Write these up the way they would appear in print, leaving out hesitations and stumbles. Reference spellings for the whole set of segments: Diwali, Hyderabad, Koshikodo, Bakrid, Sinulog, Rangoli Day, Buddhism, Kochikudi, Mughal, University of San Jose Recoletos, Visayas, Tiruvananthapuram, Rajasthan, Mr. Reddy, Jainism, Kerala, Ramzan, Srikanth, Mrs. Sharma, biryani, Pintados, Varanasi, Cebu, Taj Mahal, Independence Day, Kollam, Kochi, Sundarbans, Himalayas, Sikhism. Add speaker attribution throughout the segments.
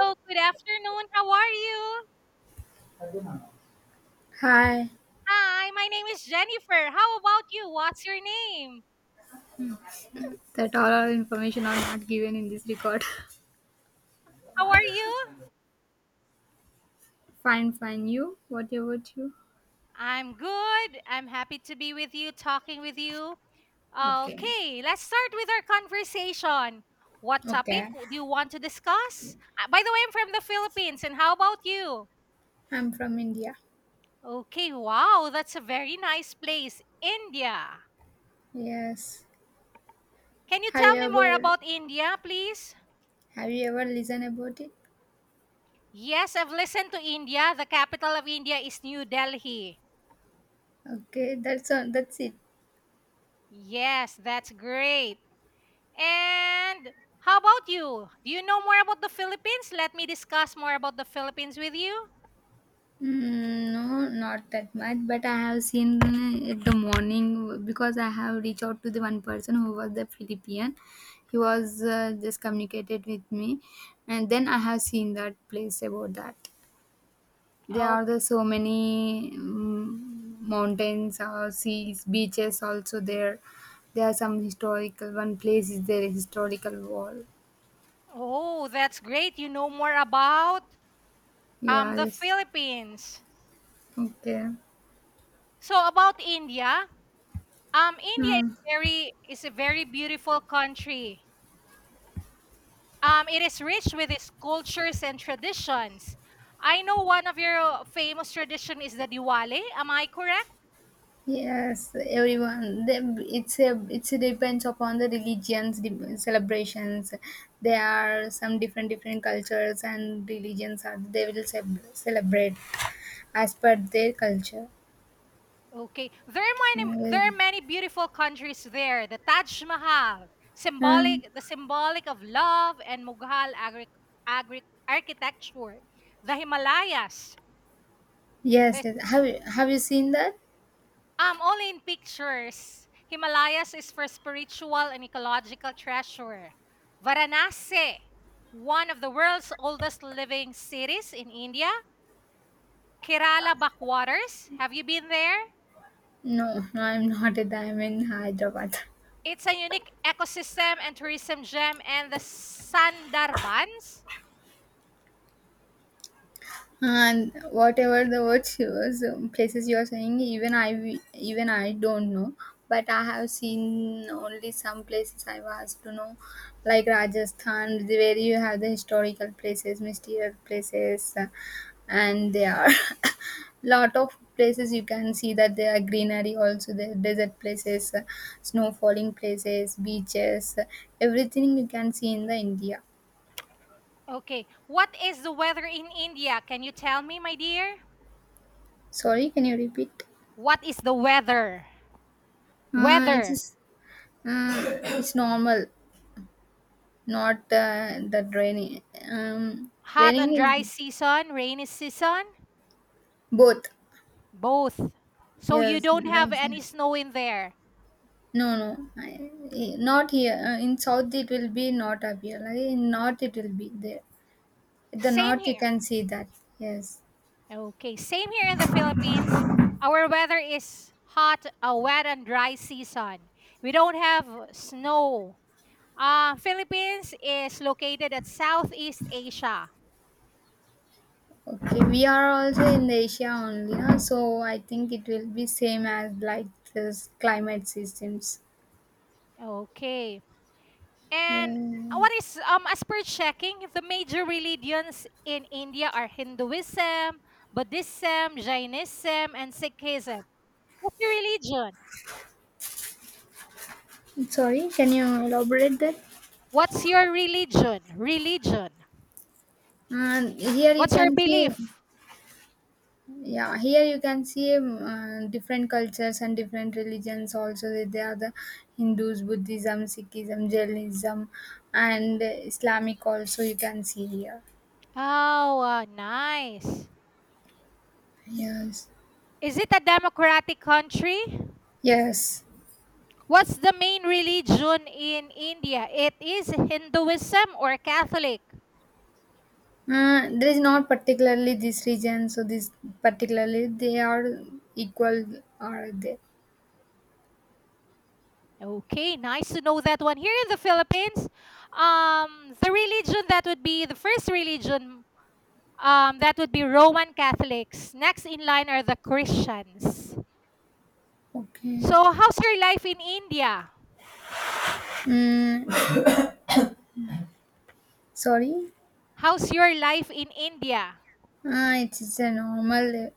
Speaker 1: So, good afternoon. How are you?
Speaker 2: Hi,
Speaker 1: Hi, my name is Jennifer. How about you? What's your name?
Speaker 2: that all our information are not given in this record.
Speaker 1: How are you?
Speaker 2: Fine, fine. You? What about you?
Speaker 1: I'm good. I'm happy to be with you, talking with you.
Speaker 2: Okay,
Speaker 1: Okay, let's start with our conversation. What topic
Speaker 2: okay.
Speaker 1: do you want to discuss? By the way, I'm from the Philippines, and how about you?
Speaker 2: I'm from India.
Speaker 1: Okay, wow, that's a very nice place. India.
Speaker 2: Yes.
Speaker 1: Can you
Speaker 2: Have you
Speaker 1: tell me more
Speaker 2: ever
Speaker 1: about India, please?
Speaker 2: listened about it?
Speaker 1: Yes, I've listened to India. The capital of India is New Delhi.
Speaker 2: Okay, that's all. That's it.
Speaker 1: Yes, that's great. And how about you? Do you know more about the Philippines? Let me discuss more about the Philippines with you.
Speaker 2: Mm, no, not that much. But I have seen at the morning because I have reached out to the one person who was the Philippine. He was just communicated with me, and then I have seen that place about that. There
Speaker 1: Oh,
Speaker 2: are the so many mountains, seas, beaches also there. There are some historical. One place is there historical wall.
Speaker 1: oh, that's great. You know more about
Speaker 2: Yeah.
Speaker 1: the
Speaker 2: Yes.
Speaker 1: Philippines.
Speaker 2: Okay.
Speaker 1: So about India, India
Speaker 2: Hmm.
Speaker 1: is a very beautiful country. It is rich with its cultures and traditions. I know one of your famous tradition is the Diwali. Am I correct?
Speaker 2: Yes, everyone. It's a depends upon the religions celebrations. There are some different cultures and religions are they will celebrate as per their culture.
Speaker 1: Okay. There
Speaker 2: Hmm.
Speaker 1: are many beautiful countries there. The Taj Mahal, symbolic the symbolic of love and Mughal agri, architecture. The Himalayas.
Speaker 2: Yes,
Speaker 1: This
Speaker 2: yes. Have you seen that?
Speaker 1: only in pictures. Himalayas is for spiritual and ecological treasure. Varanasi, one of the world's oldest living cities in India. Kerala backwaters. Have you been there?
Speaker 2: No, no, I'm not at I'm in Hyderabad.
Speaker 1: It's a unique ecosystem and tourism gem and the Sundarbans.
Speaker 2: And whatever the word was places you are saying, even even I don't know, but I have seen only some places I was to know, like Rajasthan, where you have the historical places, mysterious places, and there are lot of places. You can see that there are greenery also. There are desert places, snow falling places, beaches, everything you can see in the India.
Speaker 1: Okay. What is the weather in India? Can you tell me, my dear?
Speaker 2: Sorry, can you repeat?
Speaker 1: What is the weather?
Speaker 2: It's
Speaker 1: Weather.
Speaker 2: just it's normal, not that raining. Um,
Speaker 1: Hot
Speaker 2: Raining
Speaker 1: and
Speaker 2: is
Speaker 1: dry season, rainy season?
Speaker 2: both.
Speaker 1: Both. So you
Speaker 2: Yes,
Speaker 1: don't have
Speaker 2: right, sir.
Speaker 1: any snow in there.
Speaker 2: No, no, not here. In south it will be not appear. Like in north it will be there. In the
Speaker 1: Same
Speaker 2: north you
Speaker 1: here.
Speaker 2: can see that. Yes.
Speaker 1: Okay. Same here in the Philippines. Our weather is hot, a wet and dry season. We don't have snow. Philippines is located at Southeast Asia.
Speaker 2: Okay. We are also in Asia only, no? So I think it will be same as like this climate systems.
Speaker 1: Okay. And
Speaker 2: Yeah.
Speaker 1: what is as per checking, the major religions in India are Hinduism, Buddhism, Jainism, and Sikhism. What's your religion?
Speaker 2: Sorry, can you elaborate that?
Speaker 1: What's your religion? Religion.
Speaker 2: And here you
Speaker 1: What's your
Speaker 2: can see.
Speaker 1: belief?
Speaker 2: Yeah, here you can see different cultures and different religions also there. They are the Hindus, Buddhism, Sikhism, Jainism, and Islamic also you can see here.
Speaker 1: Oh, nice.
Speaker 2: Yes,
Speaker 1: Is it a democratic country?
Speaker 2: yes.
Speaker 1: What's the main religion in India? It is Hinduism or Catholic?
Speaker 2: Uh, there is not particularly this region, so this particularly they are equal, are they?
Speaker 1: Okay, nice to know that one. Here in the Philippines, the religion that would be the first religion, that would be Roman Catholics. Next in line are the Christians.
Speaker 2: Okay.
Speaker 1: So, how's your life in India?
Speaker 2: Mm, sorry.
Speaker 1: How's your life in India?
Speaker 2: Uh, it's a normal,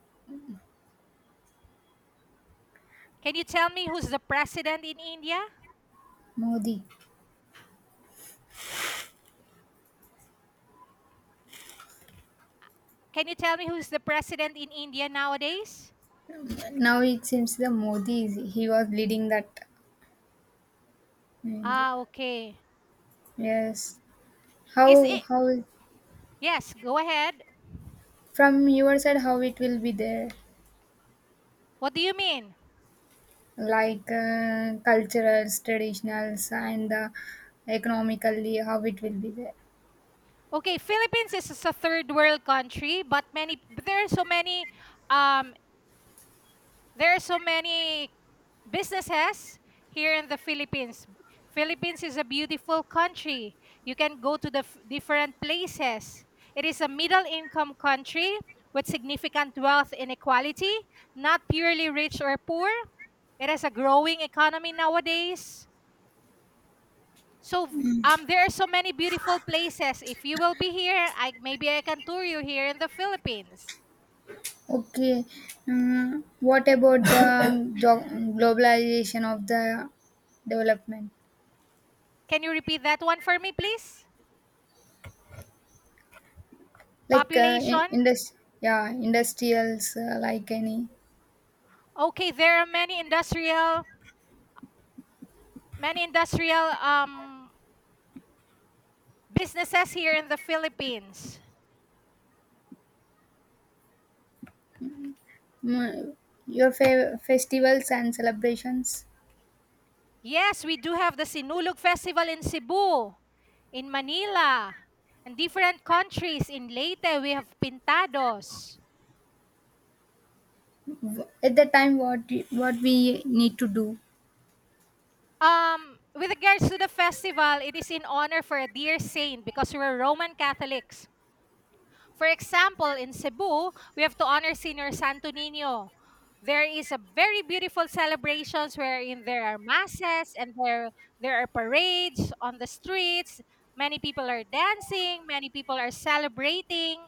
Speaker 1: Can you tell me who's the president in India?
Speaker 2: Modi.
Speaker 1: Can you tell me who's the president in India nowadays?
Speaker 2: Now it seems the Modi is he was leading that in India.
Speaker 1: Ah, okay.
Speaker 2: Yes.
Speaker 1: Is
Speaker 2: How
Speaker 1: it?
Speaker 2: how
Speaker 1: Yes, go ahead.
Speaker 2: from your side, how it will be there,
Speaker 1: What do you mean?
Speaker 2: like culturals, traditionals, and economically how it will be there.
Speaker 1: Okay, Philippines is a third world country, but many but there are so many um there are so many businesses here in the Philippines. Philippines is a beautiful country. You can go to different places. It is a middle income country with significant wealth inequality, not purely rich or poor. It has a growing economy nowadays. So there are so many beautiful places. If you will be here, I maybe I can tour you here in the Philippines.
Speaker 2: Okay. Mm, what about the globalization of the development?
Speaker 1: Can you repeat that one for me, please?
Speaker 2: Like in,
Speaker 1: Population.
Speaker 2: industry, yeah, industrials, like any
Speaker 1: Okay, there are many industrial businesses here in the Philippines.
Speaker 2: mm, your festivals and celebrations.
Speaker 1: Yes, we do have the Sinulog Festival in Cebu, in Manila, and different countries. In Leyte, we have Pintados.
Speaker 2: At the time, what what we need to do?
Speaker 1: With regards to the festival, it is in honor for a dear saint because we're Roman Catholics. For example, in Cebu, we have to honor Senior Santo Nino. There is a very beautiful celebrations wherein there are masses and there are parades on the streets. Many people are dancing, many people are celebrating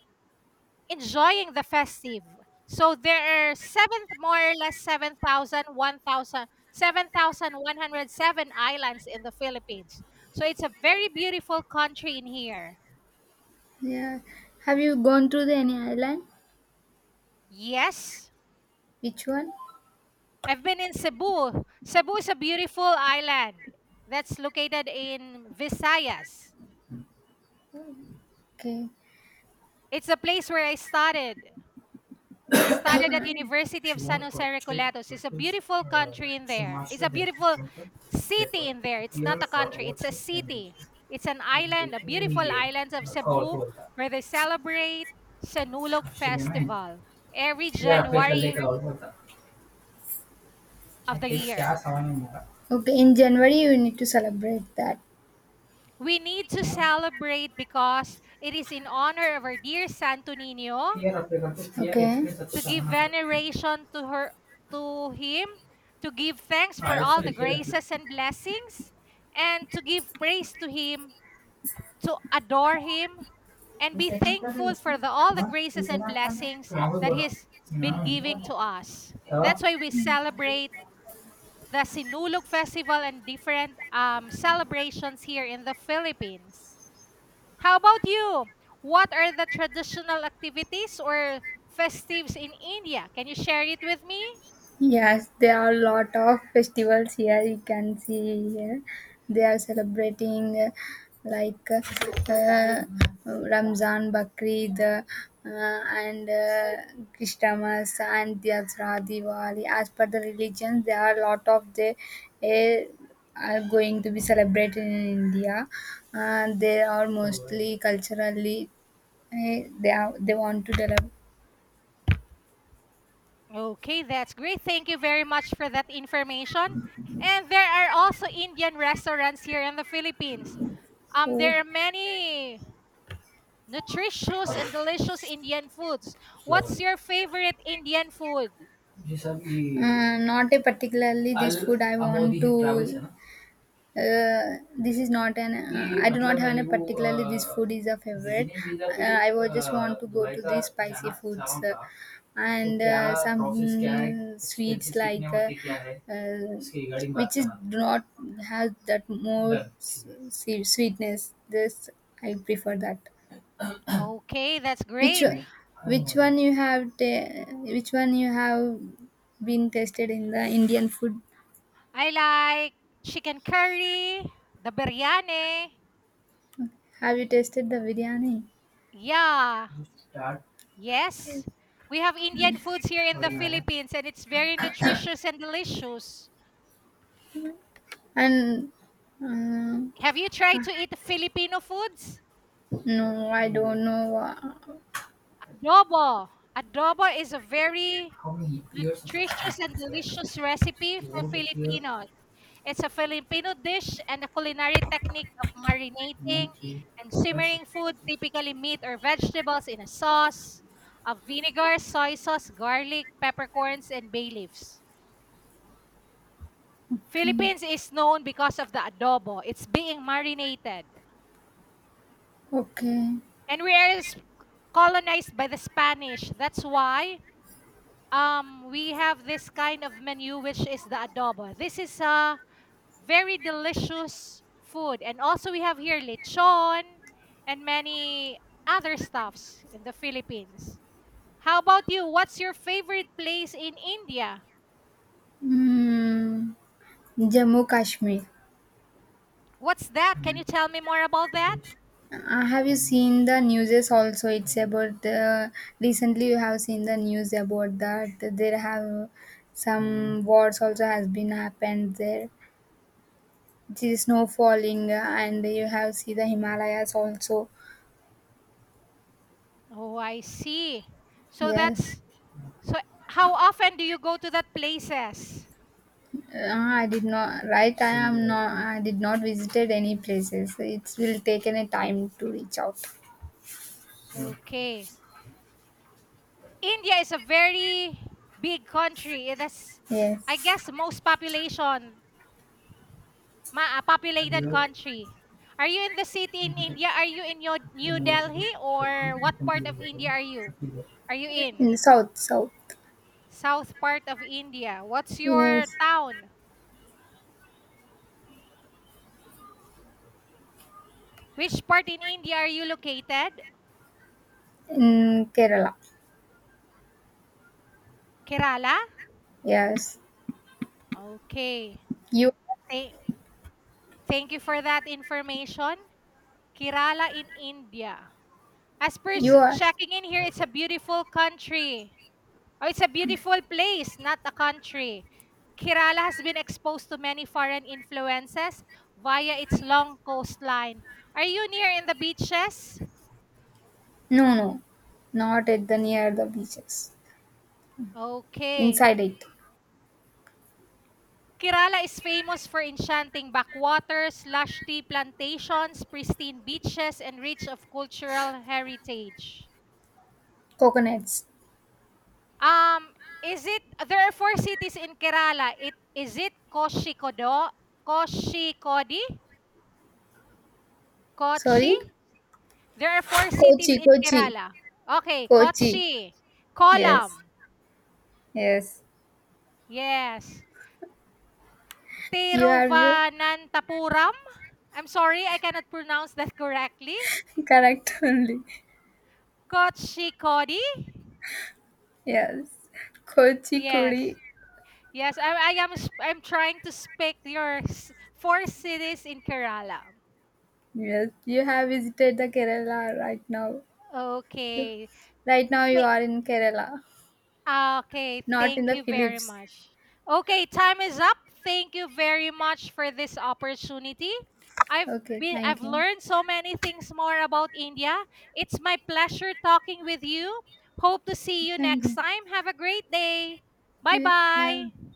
Speaker 1: enjoying the festive. So there are seven, more or less 7,000, 1,000, 7,107 islands in the Philippines. So it's a very beautiful country in here.
Speaker 2: Yeah. Have you gone to the any island?
Speaker 1: Yes,
Speaker 2: Which one?
Speaker 1: I've been in Cebu. Cebu is a beautiful island that's located in Visayas.
Speaker 2: Okay.
Speaker 1: It's the place where I started. I studied at University of San Jose Recoletos. It's a beautiful country in there. It's a beautiful city in there. It's not a country. It's a city. It's an island, a beautiful island of Cebu where they celebrate Senulog Festival every January of the year.
Speaker 2: Okay. In January, you need to celebrate that.
Speaker 1: We need to celebrate because it is in honor of our dear Santo Nino to give veneration to her to him, to give thanks for all the graces and blessings, and to give praise to him, to adore him, and be thankful for all the graces and blessings
Speaker 2: Okay.
Speaker 1: that he's been giving to us. That's why we celebrate the Sinulog Festival and different celebrations here in the Philippines. How about you? What are the traditional activities or festives in India? Can you share it with me?
Speaker 2: Yes, there are a lot of festivals here. You can see here they are celebrating like uh, uh, Ramzan, Bakrid, and Christmas and Dasra, Diwali. As per the religions, there are a lot of they uh, are going to be celebrated in India. They are mostly culturally, they want to develop.
Speaker 1: Okay, that's great. Thank you very much for that information. And there are also Indian restaurants here in the Philippines.
Speaker 2: Oh.
Speaker 1: There are many nutritious and delicious Indian foods. What's your favorite Indian food?
Speaker 2: Not a particularly this food I about want to. To. Uh, this is not an. कि I do not have any particularly this food is a favorite. Uh, I was just want to go to the spicy foods, तो and some sweets, like uh, which is do not have that more s- sweetness. This I prefer that.
Speaker 1: Okay, that's
Speaker 2: Which
Speaker 1: great.
Speaker 2: one- which one you have ta- which one you have been tasted in the Indian food?
Speaker 1: I like chicken curry, the biryani.
Speaker 2: Have you tasted the biryani?
Speaker 1: Yeah, yes. We have Indian
Speaker 2: Yes.
Speaker 1: foods here in the Philippines and it's very nutritious and delicious.
Speaker 2: And uh,
Speaker 1: Have you tried
Speaker 2: ah,
Speaker 1: to eat Filipino foods?
Speaker 2: no, I don't know.
Speaker 1: Adobo. Adobo is a very nutritious and delicious recipe for Filipinos. It's a Filipino dish and a culinary technique of marinating and simmering food, typically meat or vegetables, in a sauce of vinegar, soy sauce, garlic, peppercorns, and bay leaves.
Speaker 2: Okay,
Speaker 1: Philippines is known because of the adobo. It's being marinated.
Speaker 2: okay.
Speaker 1: And we are colonized by the Spanish. That's why we have this kind of menu which is the adobo. This is a very delicious food and also we have here lechon and many other stuffs in the Philippines. How about you? What's your favorite place in India?
Speaker 2: Mm, Jammu Kashmir.
Speaker 1: What's that? Can you tell me more about that?
Speaker 2: Have you seen the news? Also, it's about the recently. You have seen the news about that, there have some wars also has been happened there. The snow falling, and you have see the Himalayas also.
Speaker 1: Oh, I see. So
Speaker 2: Yes.
Speaker 1: that's so how often do you go to that places?
Speaker 2: Uh, I did not, right, I am not, I did not visited any places. It will take any time to reach out.
Speaker 1: Okay. India is a very big country. It is, I
Speaker 2: Yes,
Speaker 1: guess, most populated country. Are you in the city in India? Are you in your New Delhi or what part of India are you? Are you in
Speaker 2: in south, south.
Speaker 1: south part of India? What's
Speaker 2: Yes,
Speaker 1: your town? Which part in India are you located?
Speaker 2: in Kerala.
Speaker 1: Kerala.
Speaker 2: Yes.
Speaker 1: Okay.
Speaker 2: you
Speaker 1: Thank thank you for that information. Kerala in India. As per
Speaker 2: you are.
Speaker 1: checking in here, it's a beautiful country. Oh, it's a beautiful place, not a country. Kerala has been exposed to many foreign influences via its long coastline. Are you near in the beaches?
Speaker 2: No, no, not at the near the beaches.
Speaker 1: Okay.
Speaker 2: Inside it.
Speaker 1: Kerala is famous for enchanting backwaters, lush tea plantations, pristine beaches, and rich of cultural heritage.
Speaker 2: Coconuts.
Speaker 1: Um, is it there are four cities in Kerala? It is it Koshikodo, Koshikodi,
Speaker 2: Sorry.
Speaker 1: Kochi, There are four
Speaker 2: kochi
Speaker 1: cities in
Speaker 2: kochi
Speaker 1: Kerala. Okay,
Speaker 2: Kochi.
Speaker 1: Kochi,
Speaker 2: Yes,
Speaker 1: Kollam,
Speaker 2: yes.
Speaker 1: yes.
Speaker 2: You are.
Speaker 1: Tiruvananthapuram. I'm sorry, I cannot pronounce that correctly.
Speaker 2: Correct only.
Speaker 1: Kochi Kochikodi.
Speaker 2: Yes. Kochikudi.
Speaker 1: Yes. Yes, I'm trying to speak your four cities in Kerala.
Speaker 2: Yes, you have visited the Kerala right now. You,
Speaker 1: Okay.
Speaker 2: right now you are in Kerala,
Speaker 1: Ah, okay,
Speaker 2: not in
Speaker 1: thank
Speaker 2: the
Speaker 1: you very
Speaker 2: Philippines.
Speaker 1: much. Okay, time is up. Thank you very much for this opportunity. I've
Speaker 2: Okay,
Speaker 1: been
Speaker 2: thank
Speaker 1: I've
Speaker 2: you.
Speaker 1: learned so many things more about India. It's my pleasure talking with you. Hope to see you
Speaker 2: Thank
Speaker 1: next time. Have a great day.
Speaker 2: you. Bye.
Speaker 1: Bye-bye.